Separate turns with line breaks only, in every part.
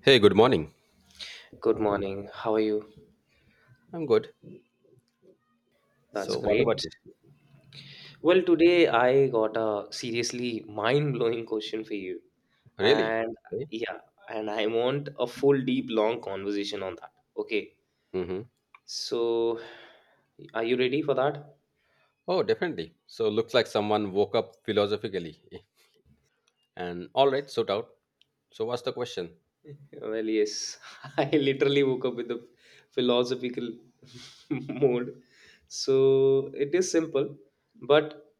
Hey, good morning.
Good morning. How are you?
I'm good.
That's
So, what about
great.
you?
Well, today I got a seriously mind-blowing question for you.
Really?
And yeah, and I want a full, deep, long conversation on that. Okay.
Mm-hmm.
So, are you ready for that?
Oh, definitely. So, looks like someone woke up philosophically. And all right, sort out. So, what's the question?
Well, yes. I literally woke up with a philosophical mode. So, it is simple, but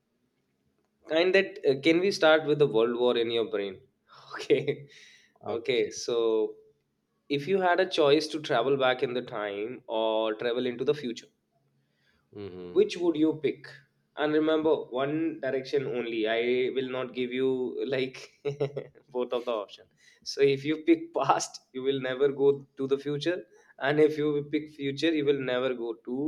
kind that can we start with the world war in your brain? Okay. Okay.
Okay.
So, if you had a choice to travel back in the time or travel into the future,
Mm-hmm.
which would you pick? And remember, one direction only. I will not give you like both of the option. So, if you pick past, you will never go to the future, and if you pick future, you will never go to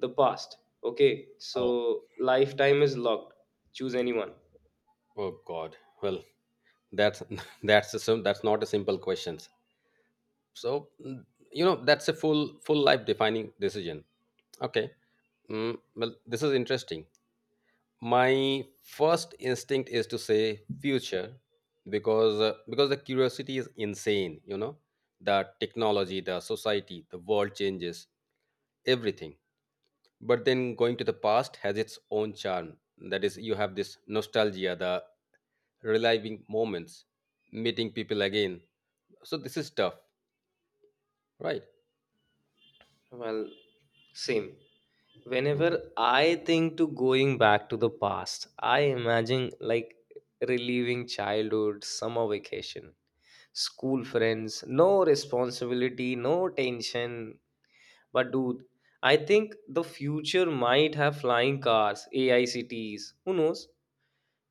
the past. Okay.
Oh,
So, lifetime is locked. Choose anyone.
oh God. Well, that's that's a that's not a simple question. So, that's a full life defining decision. Okay. Mm, well, this is interesting. My first instinct is to say future, because the curiosity is insane, you know, the technology, the society, the world changes, everything. But then going to the past has its own charm. That is, you have this nostalgia, the reliving moments, meeting people again. So this is tough, right?
Well, same. Whenever
Mhm.
I think to going back to the past, I imagine like reliving childhood summer vacation, school friends, no responsibility, no tension. But dude, I think the future might have flying cars, AI cities, who knows.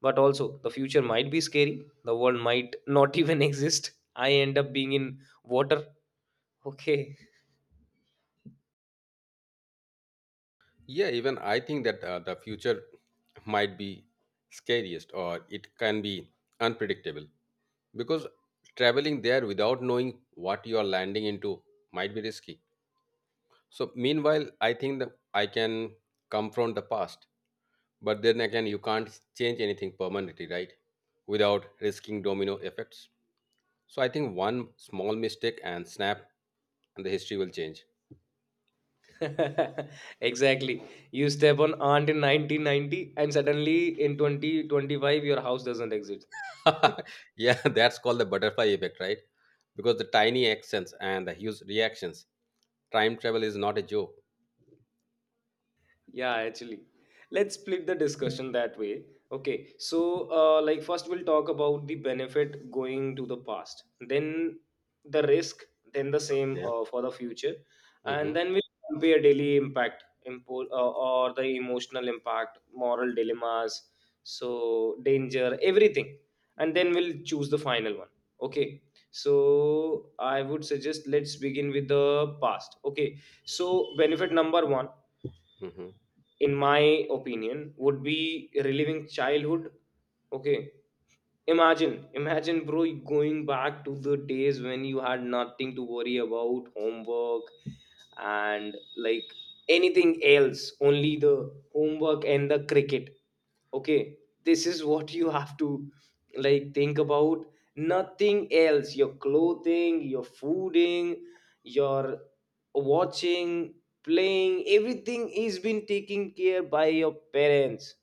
But also the future might be scary, the world might not even exist, I end up being in water. Okay.
Yeah, even I think that the future might be scariest, or it can be unpredictable, because traveling there without knowing what you are landing into might be risky. So meanwhile I think that I can confront the past, but then again you can't change anything permanently, right? Without risking domino effects. So I think one small mistake and snap, and the history will change.
Exactly. You step on aunt in 1990 and suddenly in 2025 your house doesn't exist.
Yeah, that's called the butterfly effect, right? Because the tiny actions and the huge reactions. Time travel is not a joke.
Yeah, actually, let's split the discussion that way. Okay, so like first we'll talk about the benefit going to the past, then the risk, then the same
Yeah.
for the future,
Mm-hmm.
and then we'll compare daily impact or the emotional impact, moral dilemmas, so danger, everything. And then we'll choose the final one. Okay, so I would suggest let's begin with the past. Okay, so benefit number one,
Mm-hmm.
in my opinion, would be reliving childhood. Okay. Imagine, imagine, bro, you going back to the days when you had nothing to worry about, homework and like anything else, only the homework and the cricket. Okay, this is what you have to like think about. Nothing else, your clothing, your fooding, your watching, playing, everything is been taken care by your parents.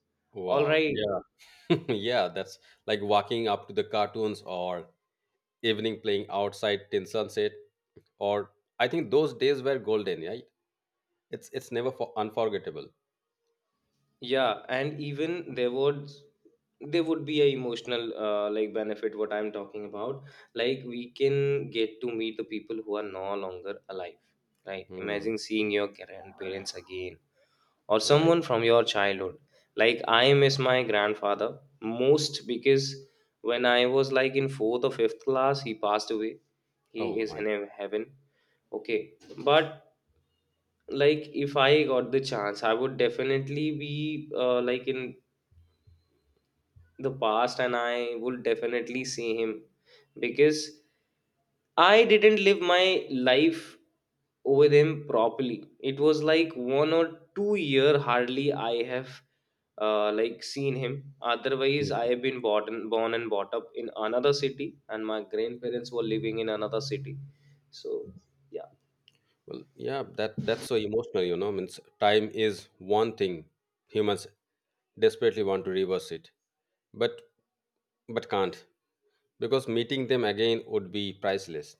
All
Wow.
right.
Yeah, that's like walking up to the cartoons or evening playing outside till sunset. Or I think those days were golden. Right? It's never for unforgettable.
Yeah, and even there would, there would be a emotional like benefit what I'm talking about. Like, we can get to meet the people who are no longer alive, right?
Hmm,
Imagine seeing your grandparents again or
right.
someone from your childhood. Like, I miss my grandfather most, because when I was like in fourth or fifth class, he passed away. He
Oh
is
my.
in heaven. Okay, but like if I got the chance, I would definitely be like in the past, and I would definitely see him. Because I didn't live my life with him properly. It was like 1 or 2 year, hardly I have like seen him. Otherwise, I
Mm.
have been born, born and brought up in another city, and my grandparents were living in another city. So yeah,
Well, yeah. That's so emotional. You know, means time is one thing humans desperately want to reverse it, but but can't, because meeting them again would be priceless.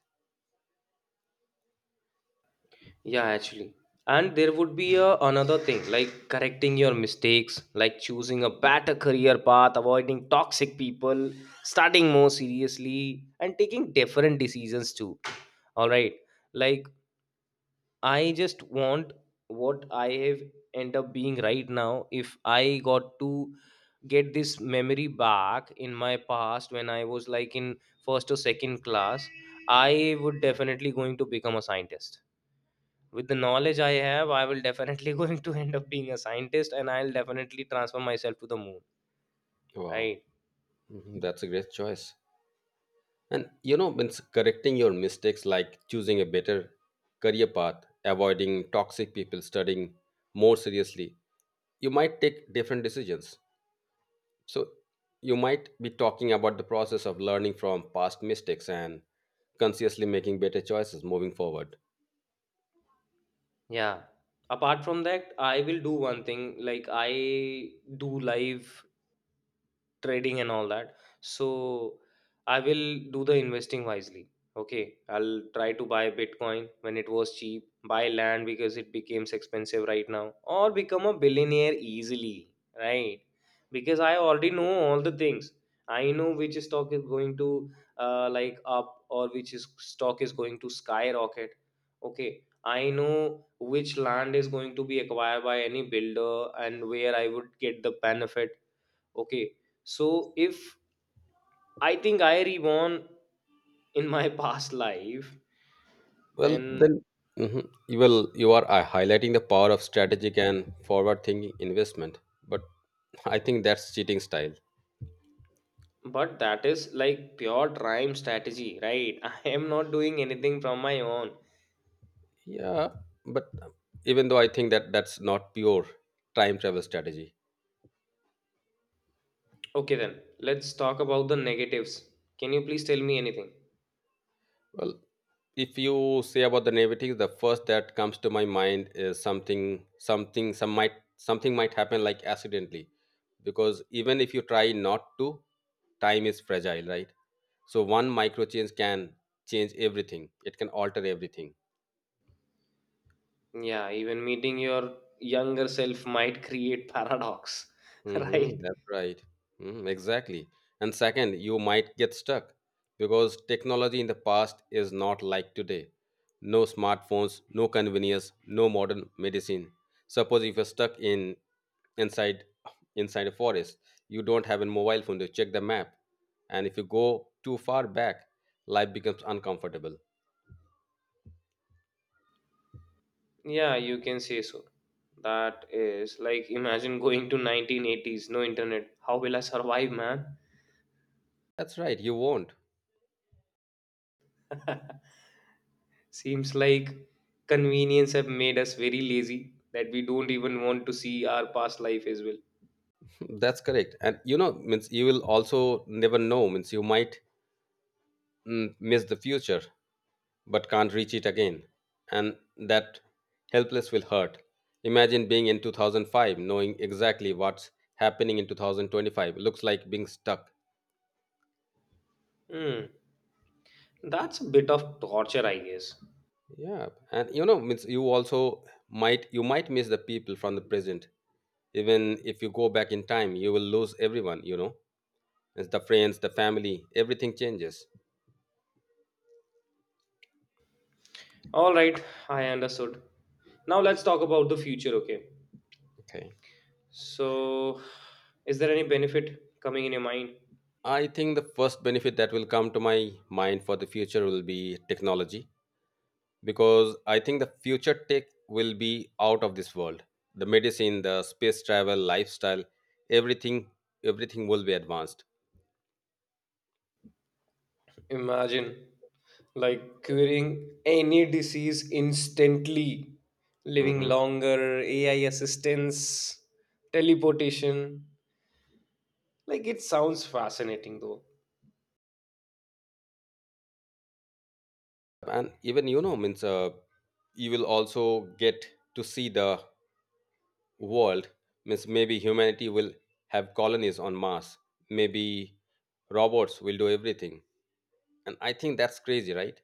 yeah, actually. And there would be a, another thing like correcting your mistakes, like choosing a better career path, avoiding toxic people, studying more seriously, and taking different decisions too. All right, like, I just want what I have end up being right now. If I got to get this memory back in my past when I was like in first or second class, I would definitely going to become a scientist. With the knowledge I have, I will definitely going to end up being a scientist, and I'll definitely transfer myself to the moon.
Wow.
Right.
Mhm, that's a great choice. And you know, means correcting your mistakes, like choosing a better career path, avoiding toxic people, studying more seriously, you might take different decisions. So you might be talking about the process of learning from past mistakes and consciously making better choices moving forward.
Yeah. Apart from that, I will do one thing. Like, I do live trading and all that, so I will do the investing wisely. Okay, I'll try to buy bitcoin when it was cheap, buy land because it becomes expensive right now, or become a billionaire easily, right? Because I already know all the things. I know which stock is going to like up, or which is stock is going to skyrocket. Okay, I know which land is going to be acquired by any builder, and where I would get the benefit. Okay, so if I think I reborn in my past life,
Well,
then
then mhm, you will you are highlighting the power of strategic and forward-thinking investment, but I think that's cheating style.
but that is like pure time strategy, right? I am not doing anything from my own.
Yeah, but even though I think that that's not pure time travel strategy.
Okay, then let's talk about the negatives. Can you please tell me anything?
Well, if you say about the naivety, the first that comes to my mind is something might happen like accidentally, because even if you try not to, time is fragile, right? So one micro change can change everything. It can alter everything.
Yeah, even meeting your younger self might create paradox,
Hmm,
right?
that's right. Mhm, exactly. And second, you might get stuck, because technology in the past is not like today. No smartphones, no convenience, no modern medicine. Suppose if you're stuck in inside inside a forest, you don't have a mobile phone to check the map. And if you go too far back, life becomes uncomfortable.
Yeah, you can say so. That is like imagine going to 1980s, no internet. How will I survive, man?
That's right, you won't.
Seems like convenience have made us very lazy that we don't even want to see our past life as well.
That's correct. And you know, means you will also never know, means you might miss the future but can't reach it again. And that helpless will hurt. Imagine being in 2005, knowing exactly what's happening in 2025. Looks like being stuck.
Hmm, that's a bit of torture, I guess.
Yeah, and you know, means you also might miss the people from the present. Even if you go back in time, you will lose everyone. You know, it's the friends, the family, everything changes.
All right, I understood. Now let's talk about the future, okay?
Okay.
So, is there any benefit coming in your mind?
I think the first benefit that will come to my mind for the future will be technology, because I think the future tech will be out of this world. The medicine, the space travel, lifestyle, everything, everything will be advanced.
Imagine like curing any disease instantly, living
Mhm.
longer, AI assistance, teleportation. Like, it sounds fascinating though.
And even you know, means you will also get to see the world. Means maybe humanity will have colonies on Mars. Maybe robots will do everything. And I think that's crazy, right?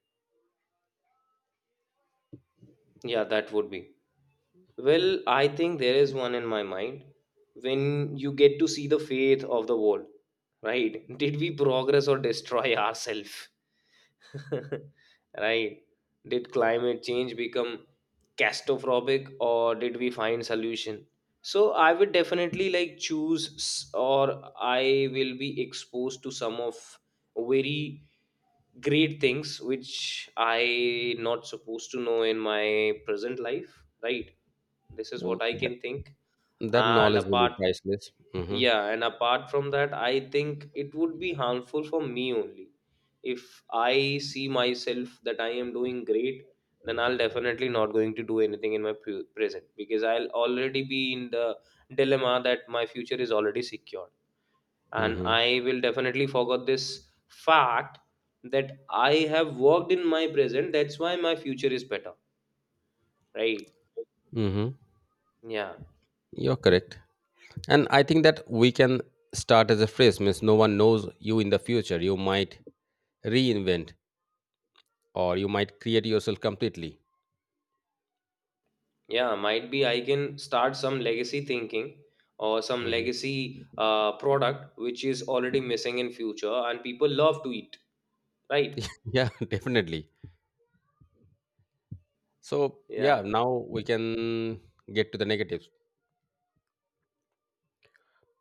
Yeah, that would be. Well, I think there is one in my mind. When you get to see the faith of the world, right? Did we progress or destroy ourselves? Right? Did climate change become catastrophic, or did we find solution? So I would definitely like choose or I will be exposed to some of very great things which I not supposed to know in my present life, right? This is
Well,
what I can think.
that
and
knowledge will
apart
be priceless. Mm-hmm.
yeah and apart from that, I think it would be harmful for me only if I see myself that I am doing great, then I'll definitely not going to do anything in my present, because I'll already be in the dilemma that my future is already secured, and
Mm-hmm.
I will definitely forget this fact that I have worked in my present, that's why my future is better, right?
Mm-hmm.
Yeah.
You're correct. And I think that we can start as a phrase, means no one knows you in the future. You might reinvent or you might create yourself completely.
Yeah, might be I can start some legacy thinking, or some
Mhm.
legacy product which is already missing in future and people love to eat, right?
Yeah, definitely. So, yeah,
Yeah,
now we can get to the negatives.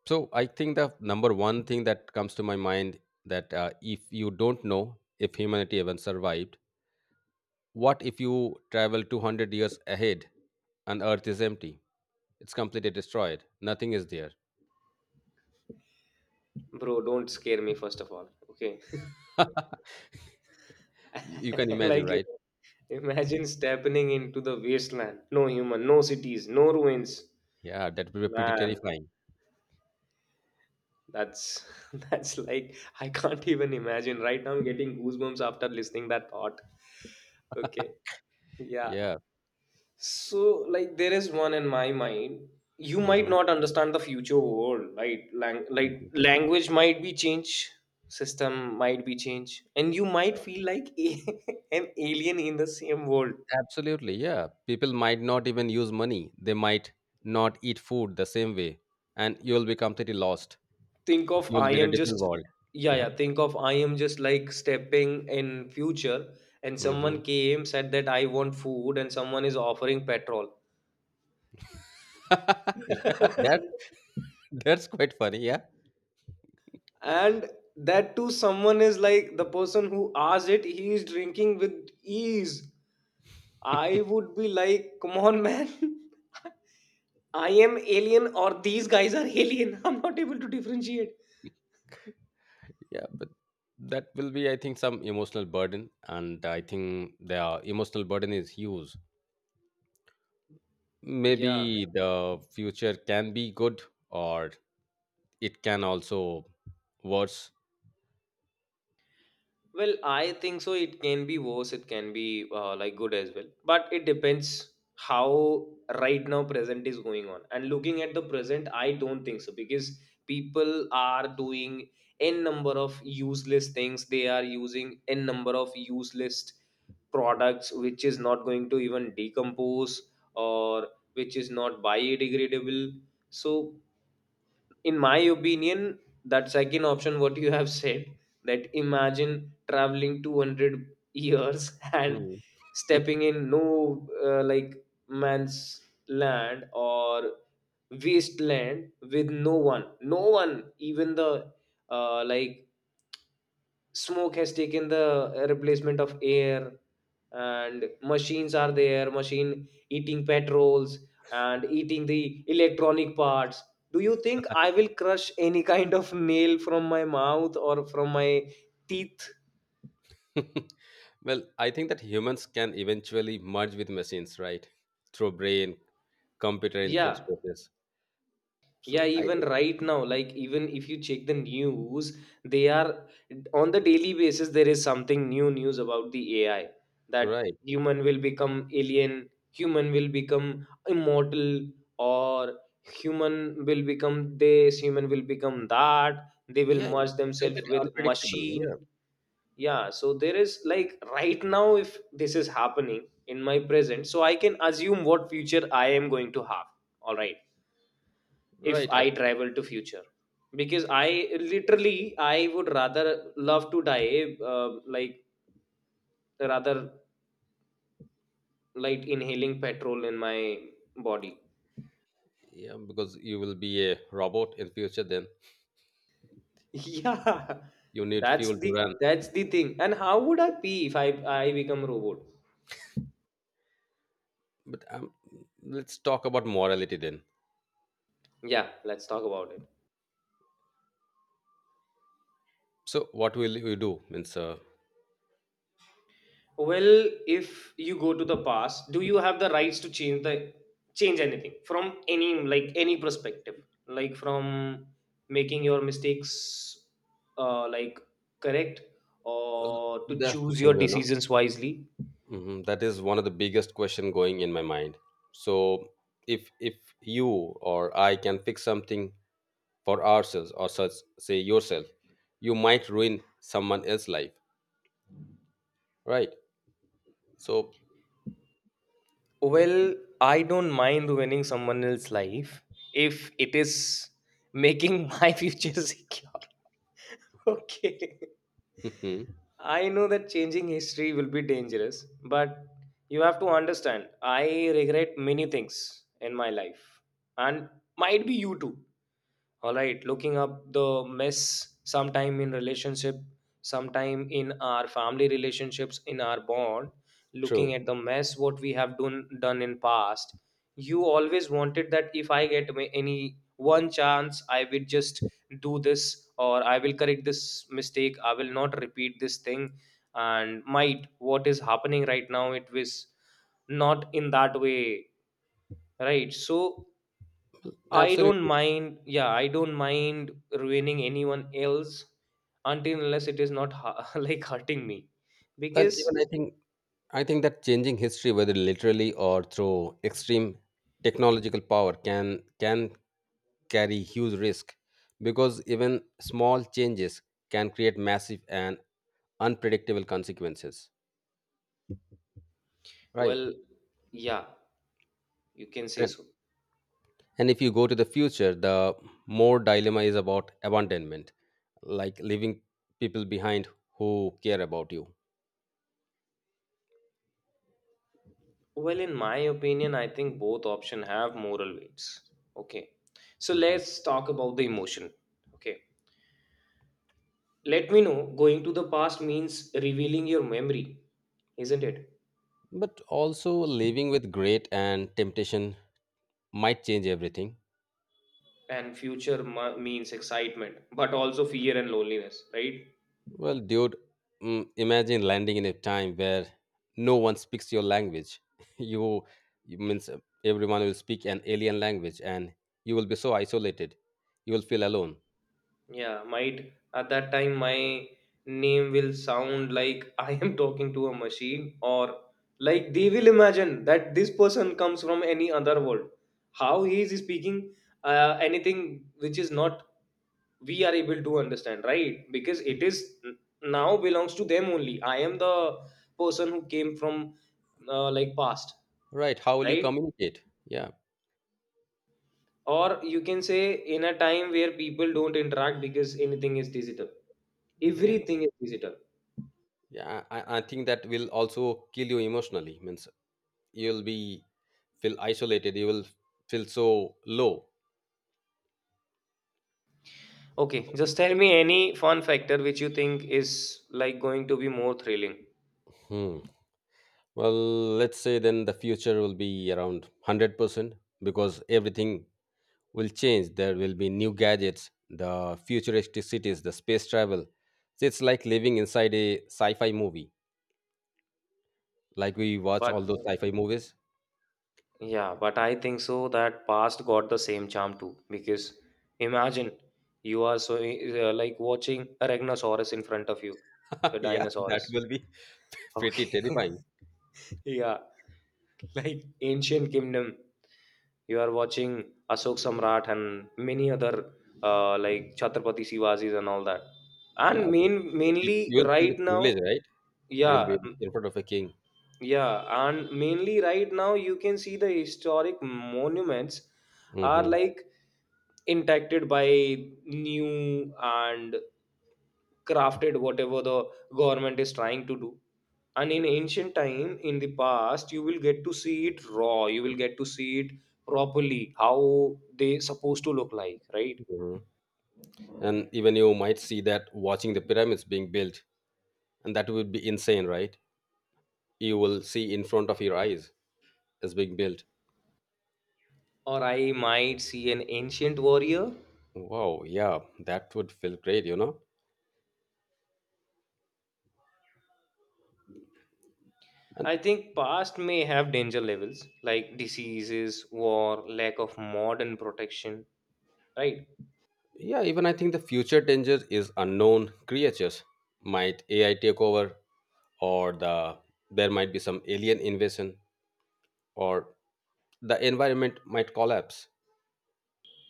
So, I think the number one thing that comes to my mind, that if you don't know if humanity even survived, what if you travel 200 years ahead and Earth is empty? It's completely destroyed. Nothing is there.
bro, don't scare me first of all. Okay.
You can imagine,
Like,
right?
imagine stepping into the wasteland. No human, no cities, no ruins.
Yeah, that would be pretty
Man,
terrifying.
that's that's like I can't even imagine. Right now I'm getting goosebumps after listening that thought. Okay. Yeah.
Yeah.
So, like, there is one in my mind. You
Hmm.
might
Hmm.
not understand the future world. Like, like language might be changed, system might be changed, and you might feel like an alien in the same world.
Absolutely. Yeah. People might not even use money. They might not eat food the same way. And you'll be completely lost.
Think of
You'll
I
be in a
am
different
just,
world.
yeah,
Uh-huh.
yeah. Think of I am just like stepping in future, and someone
Hmm.
came said that I want food, and someone is offering petrol.
Yeah, that's quite funny. Yeah.
And that too, someone is like the person who asked it, he is drinking with ease. I would be like, come on, man. I am alien or these guys are alien, I'm not able to differentiate.
Yeah, but that will be, I think, some emotional burden. And I think the emotional burden is huge.
Yeah.
Maybe the future can be good, or it can also worse.
Well, I think so. It can be worse. It can be like good as well. But it depends how right now present is going on. And looking at the present, I don't think so, because people are doing n number of useless things. They are using n number of useless products which is not going to even decompose, or which is not biodegradable. So in my opinion, that second option what you have said, that imagine traveling 200 years and
Hmm.
stepping in no like man's land, or wasteland with no one, no one, even the like smoke has taken the replacement of air, and machines are there, machine eating petrols and eating the electronic parts. Do you think I will crush any kind of nail from my mouth or from my teeth?
Well, I think that humans can eventually merge with machines, right? Through brain, computer
Yeah,
interfaces.
yeah,
So I
even
think,
right now, like, even if you check the news, they are on the daily basis there is something new news about the AI, that
right.
human will become alien, human will become immortal, or human will become this, human will become that, they will
Yeah, it's
merge themselves
completely
with
unpredictable. Yeah,
machine. Yeah, so there is like right now if this is happening in my present, so I can assume what future I am going to have. All right, if
right.
I travel to future, because I literally I would rather love to die like rather like inhaling petrol in my body.
Yeah, because you will be a robot in future. Then
Yeah,
you need fuel
that's
to
the,
run.
that's the thing. And how would I pee if I become a robot?
But let's talk about morality then.
Yeah, let's talk about it.
So what will you do? Means
Well, if you go to the past, do you have the rights to change the change anything from any like any perspective, like from making your mistakes like correct, or to
that's the
choose your
thing, you know.
decisions wisely?
Mhm, that is one of the biggest question going in my mind. So if you or I can fix something for ourselves, or such, say yourself, you might ruin someone else's life, right? So
Well, I don't mind ruining someone else's life if it is making my future secure. Okay.
mhm,
I know that changing history will be dangerous, but you have to understand, I regret many things in my life, and might be you too. All right, looking up the mess, sometime in relationship, sometime in our family relationships, in our bond, looking
true,
at the mess what we have done in past. You always wanted that if I get any one chance, I will just do this, or I will correct this mistake, I will not repeat this thing. And might what is happening right now, it was not in that way, right? So I don't
absolutely.
mind. Yeah, I don't mind ruining anyone else until unless it is not like hurting me.
And
Because,
even I think that changing history, whether literally or through extreme technological power, can carry huge risk, because even small changes can create massive and unpredictable consequences, right?
well, yeah, you can say
And
so.
And if you go to the future, the more dilemma is about abandonment, like leaving people behind who care about you.
Well, in my opinion, I think both option have moral weights. Okay. So
Mhm.
let's talk about the emotion. Okay. Let me know, going to the past means revealing your memory, isn't it?
But also living with great and temptation might change everything.
And future means excitement, but also fear and loneliness, right?
Well, dude, mm, imagine landing in a time where no one speaks your language. you, you means Everyone will speak an alien language, and you will be so isolated. You will feel alone.
Yeah, might at that time my name will sound like I am talking to a machine, or like they will imagine that this person comes from any other world. How he is speaking anything which is not we are able to understand, right? Because it is now belongs to them only. I am the person who came from like past,
Right? How will you
right?
communicate? Yeah.
Or you can say in a time where people don't interact because anything is digital, everything is digital.
Yeah, I think that will also kill you emotionally. Means you'll be feel isolated. You will feel so low.
Okay, just tell me any fun factor which you think is like going to be more thrilling.
Hmm. Well, let's say then the future will be around 100%, because everything will change. There will be new gadgets, the futuristic cities, the space travel. So it's like living inside a sci-fi movie, like we watch
But
all those sci-fi movies.
yeah, but I think so that past got the same charm too. Because imagine you are so like watching a Rhinoceros in front of you, the
Yeah, that
dinosaurs.
will be pretty
Okay,
terrifying.
yeah, like ancient kingdom. You are watching Ashok Samrat and many other like Chhatrapati Shivaji's and all that.
Yeah,
And main
you,
mainly
you will feel the
right
privilege,
now,
right? You'll
yeah.
be in front of a king.
Yeah, and mainly right now you can see the historic monuments are
Hmm.
like impacted by new and crafted whatever the government is trying to do. And in ancient time in the past, you will get to see it raw, you will get to see it properly how they supposed to look like, right?
Hmm. And even you might see that watching the pyramids being built, and that would be insane, right? You will see in front of your eyes is being built.
Or I might see an ancient warrior.
Wow, yeah, that would feel great, you know? And
I think past may have danger levels like diseases, war, lack of modern protection, right?
yeah, even I think the future danger is unknown creatures. Might AI take over, or there might be some alien invasion, or the environment might collapse.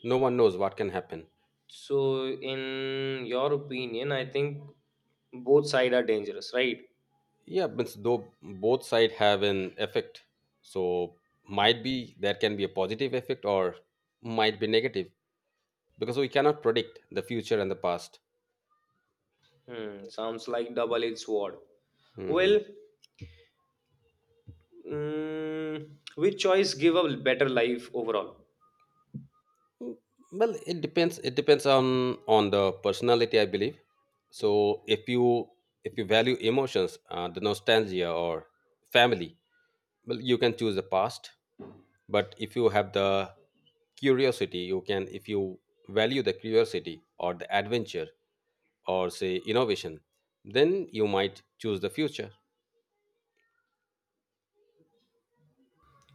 No one knows what can happen.
So, in your opinion, I think both side are dangerous, right?
Yeah, but though both side have an effect, so might be there can be a positive effect or might be negative, because we cannot predict the future and the past.
Hmm, sounds like double-edged sword.
Mhm.
Well, mm, which choice give a better life overall?
Mm, well it depends on the personality, I believe. So if you value emotions, the nostalgia or family, well, you can choose the past. But if you have the curiosity you can if you value the curiosity or the adventure, or say innovation, then you might choose the future.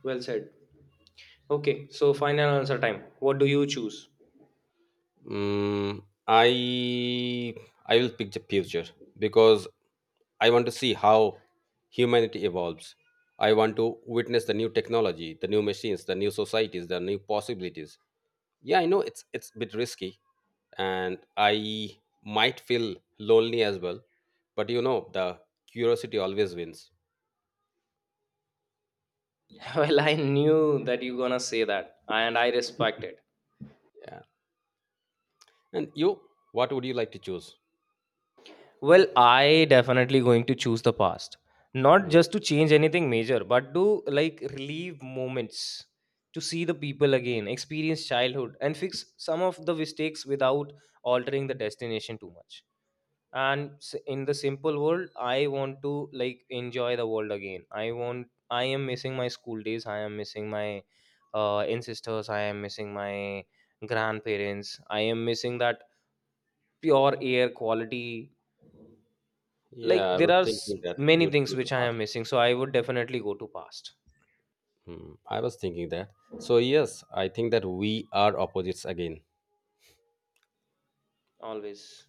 Well said. Okay, so final answer time. What do you choose?
Mm, I I will pick the future because I want to see how humanity evolves. I want to witness the new technology, the new machines, the new societies, the new possibilities. Yeah, I know it's a bit risky, and I might feel lonely as well. But you know, the curiosity always wins.
Well, I knew that you gonna say that, and I respect it.
Yeah. And you, what would you like to choose?
Well, I definitely going to choose the past. Not
Mm.
just to change anything major, but to like relieve moments, to see the people again, experience childhood, and fix some of the mistakes without altering the destination too much. And in the simple world, I want to like enjoy the world again. I want. I am missing my school days. I am missing my ancestors. I am missing my grandparents. I am missing that pure air quality.
Yeah,
Like
I
there
was
are
thinking that
many
you
things
choose the
which I
past.
am missing, so I would definitely go to past.
Hmm. I was thinking that. So yes, I think that we are opposites again.
Always,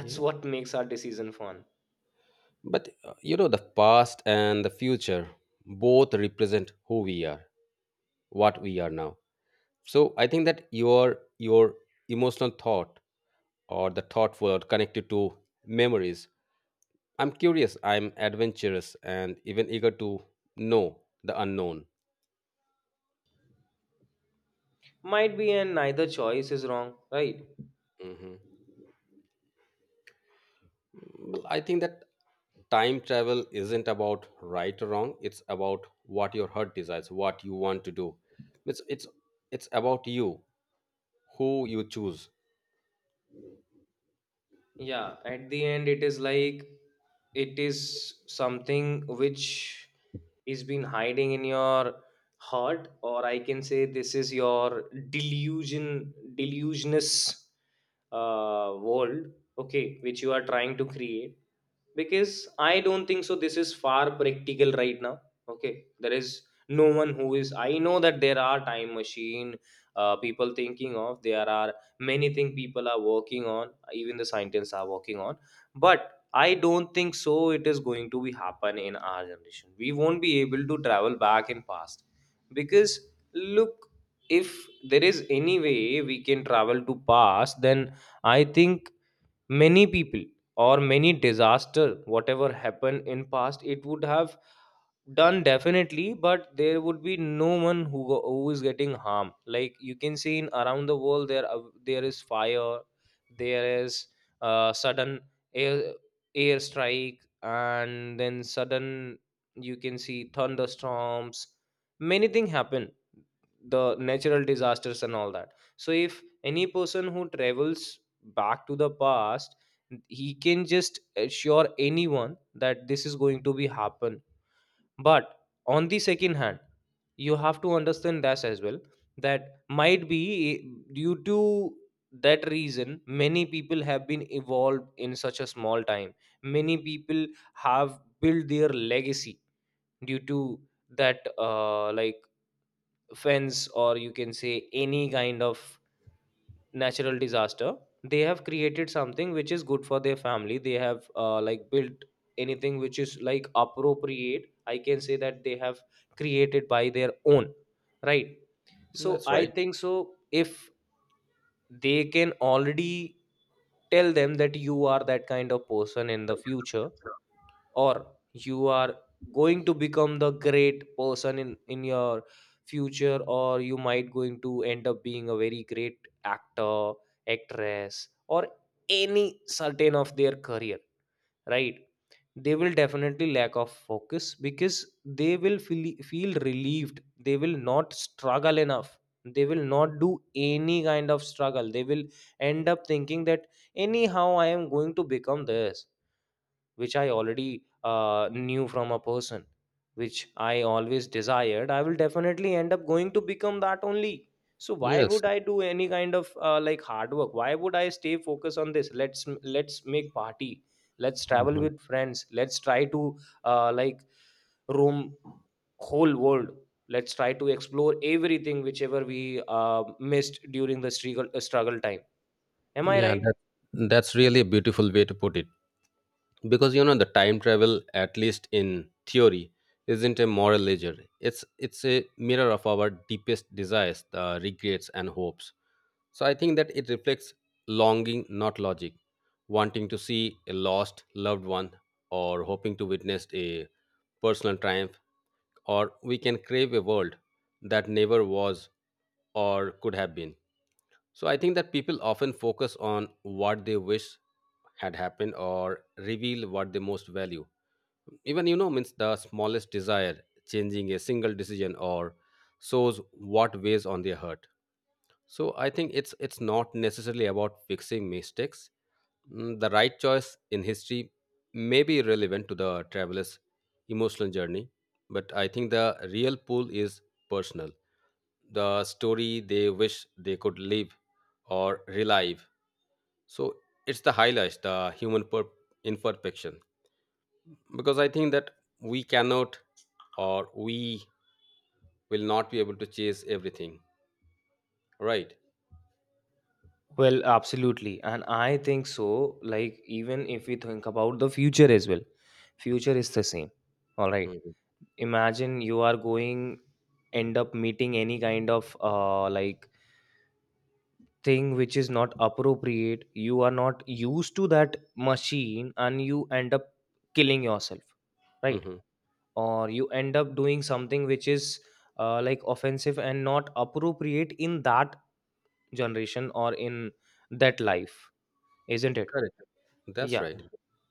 Yeah,
what makes our decision fun.
but you know, the past and the future both represent who we are, what we are now. So I think that your emotional thought, or the thoughtful or connected to memories. I'm curious. I'm adventurous and even eager to know the unknown.
Might be, and neither choice is wrong, right?
Mhm. Well, I think that time travel isn't about right or wrong, it's about what your heart desires, what you want to do. it's it's it's about you, who you choose.
Yeah, at the end it is like, it is something which is been hiding in your heart, or I can say this is your delusionous world. Okay, which you are trying to create. Because I don't think so this is far practical right now. Okay, there is no one who is, I know that there are time machine, people thinking of, there are many things people are working on, even the scientists are working on, but I don't think so it is going to be happen in our generation. We won't be able to travel back in past, because look, if there is any way we can travel to past, then I think many people or many disaster whatever happened in past it would have done definitely, but there would be no one who who is getting harm. Like you can see in around the world, there are- there is fire, there is sudden air air strike, and then sudden you can see thunderstorms, many things happen, the natural disasters and all that. So if any person who travels back to the past, he can just assure anyone that this is going to be happen. But on the second hand, you have to understand that as well, that might be due to that reason many people have been evolved in such a small time, many people have built their legacy due to that like fence, or you can say any kind of natural disaster. They have created something which is good for their family, they have like built anything which is like appropriate, I can say that they have created by their own, right? So
That's
I
right.
think so if they can already tell them that you are that kind of person in the future, or you are going to become the great person in your future, or you might going to end up being a very great actor, actress, or any certain of their career, right? They will definitely lack of focus, because they will feel relieved, they will not struggle enough, they will not do any kind of struggle. They will end up thinking that anyhow I am going to become this, which I already knew from a person, which I always desired, I will definitely end up going to become that only. So why
Yes.
would I do any kind of like hard work? Why would I stay focused on this? Let's make party. Let's travel
Mhm.
with friends. Let's try to like roam whole world. Let's try to explore everything whichever we missed during the struggle time. Am I
yeah
right?
that that's really a beautiful way to put it, because you know the time travel, at least in theory, isn't a moral ledger. It's a mirror of our deepest desires, the regrets and hopes. So I think that it reflects longing, not logic, wanting to see a lost loved one or hoping to witness a personal triumph, or we can crave a world that never was or could have been. So I think that people often focus on what they wish had happened, or reveal what they most value. Even you know means the smallest desire, changing a single decision or shows what weighs on their heart. So I think it's not necessarily about fixing mistakes. Mm, the right choice in history may be relevant to the traveler's emotional journey, but I think the real pull is personal. The story they wish they could live or relive. So it's the highlights, the imperfection. Because I think that we cannot or we will not be able to chase everything, right?
Well, absolutely. And I think so. Like, even if we think about the future as well, future is the same. All right.
Mhm.
Imagine you are going, end up meeting any kind of like thing which is not appropriate. You are not used to that machine and you end up killing yourself, right?
Mhm.
Or you end up doing something which is like offensive and not appropriate in that generation or in that life, isn't it?
Correct. That's
Yeah.
right.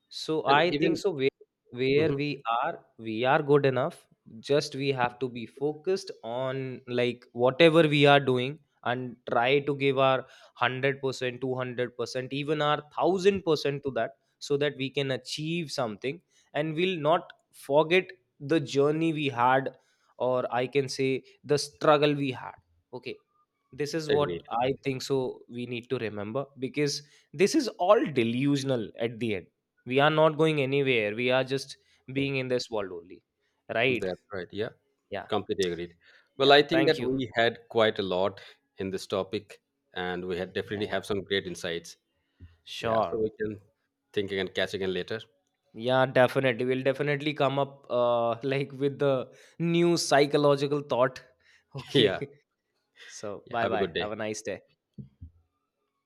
So
And
I think
even
so where
hmm
we are good enough. Just we have to be focused on like whatever we are doing and try to give our 100%, 200%, even our 1000% to that, so that we can achieve something and we'll not forget the journey we had, or I can say the struggle we had. Okay. This is
agreed.
what I think so we need to remember, because this is all delusional. At the end, we are not going anywhere, we are just being in this world only, right?
That's right. Yeah,
Yeah,
completely agreed. Well, I
yeah,
think
thank
that
you.
we had quite a lot in this topic, and we had
Yeah,
definitely
yeah,
have some great insights. Yeah, so
sure.
we can think again, catch again later.
Yeah, definitely we'll definitely come up like with the new psychological thought.
Yeah,
Okay. So
yeah,
bye
have a
bye,
good
have a
day.
nice day.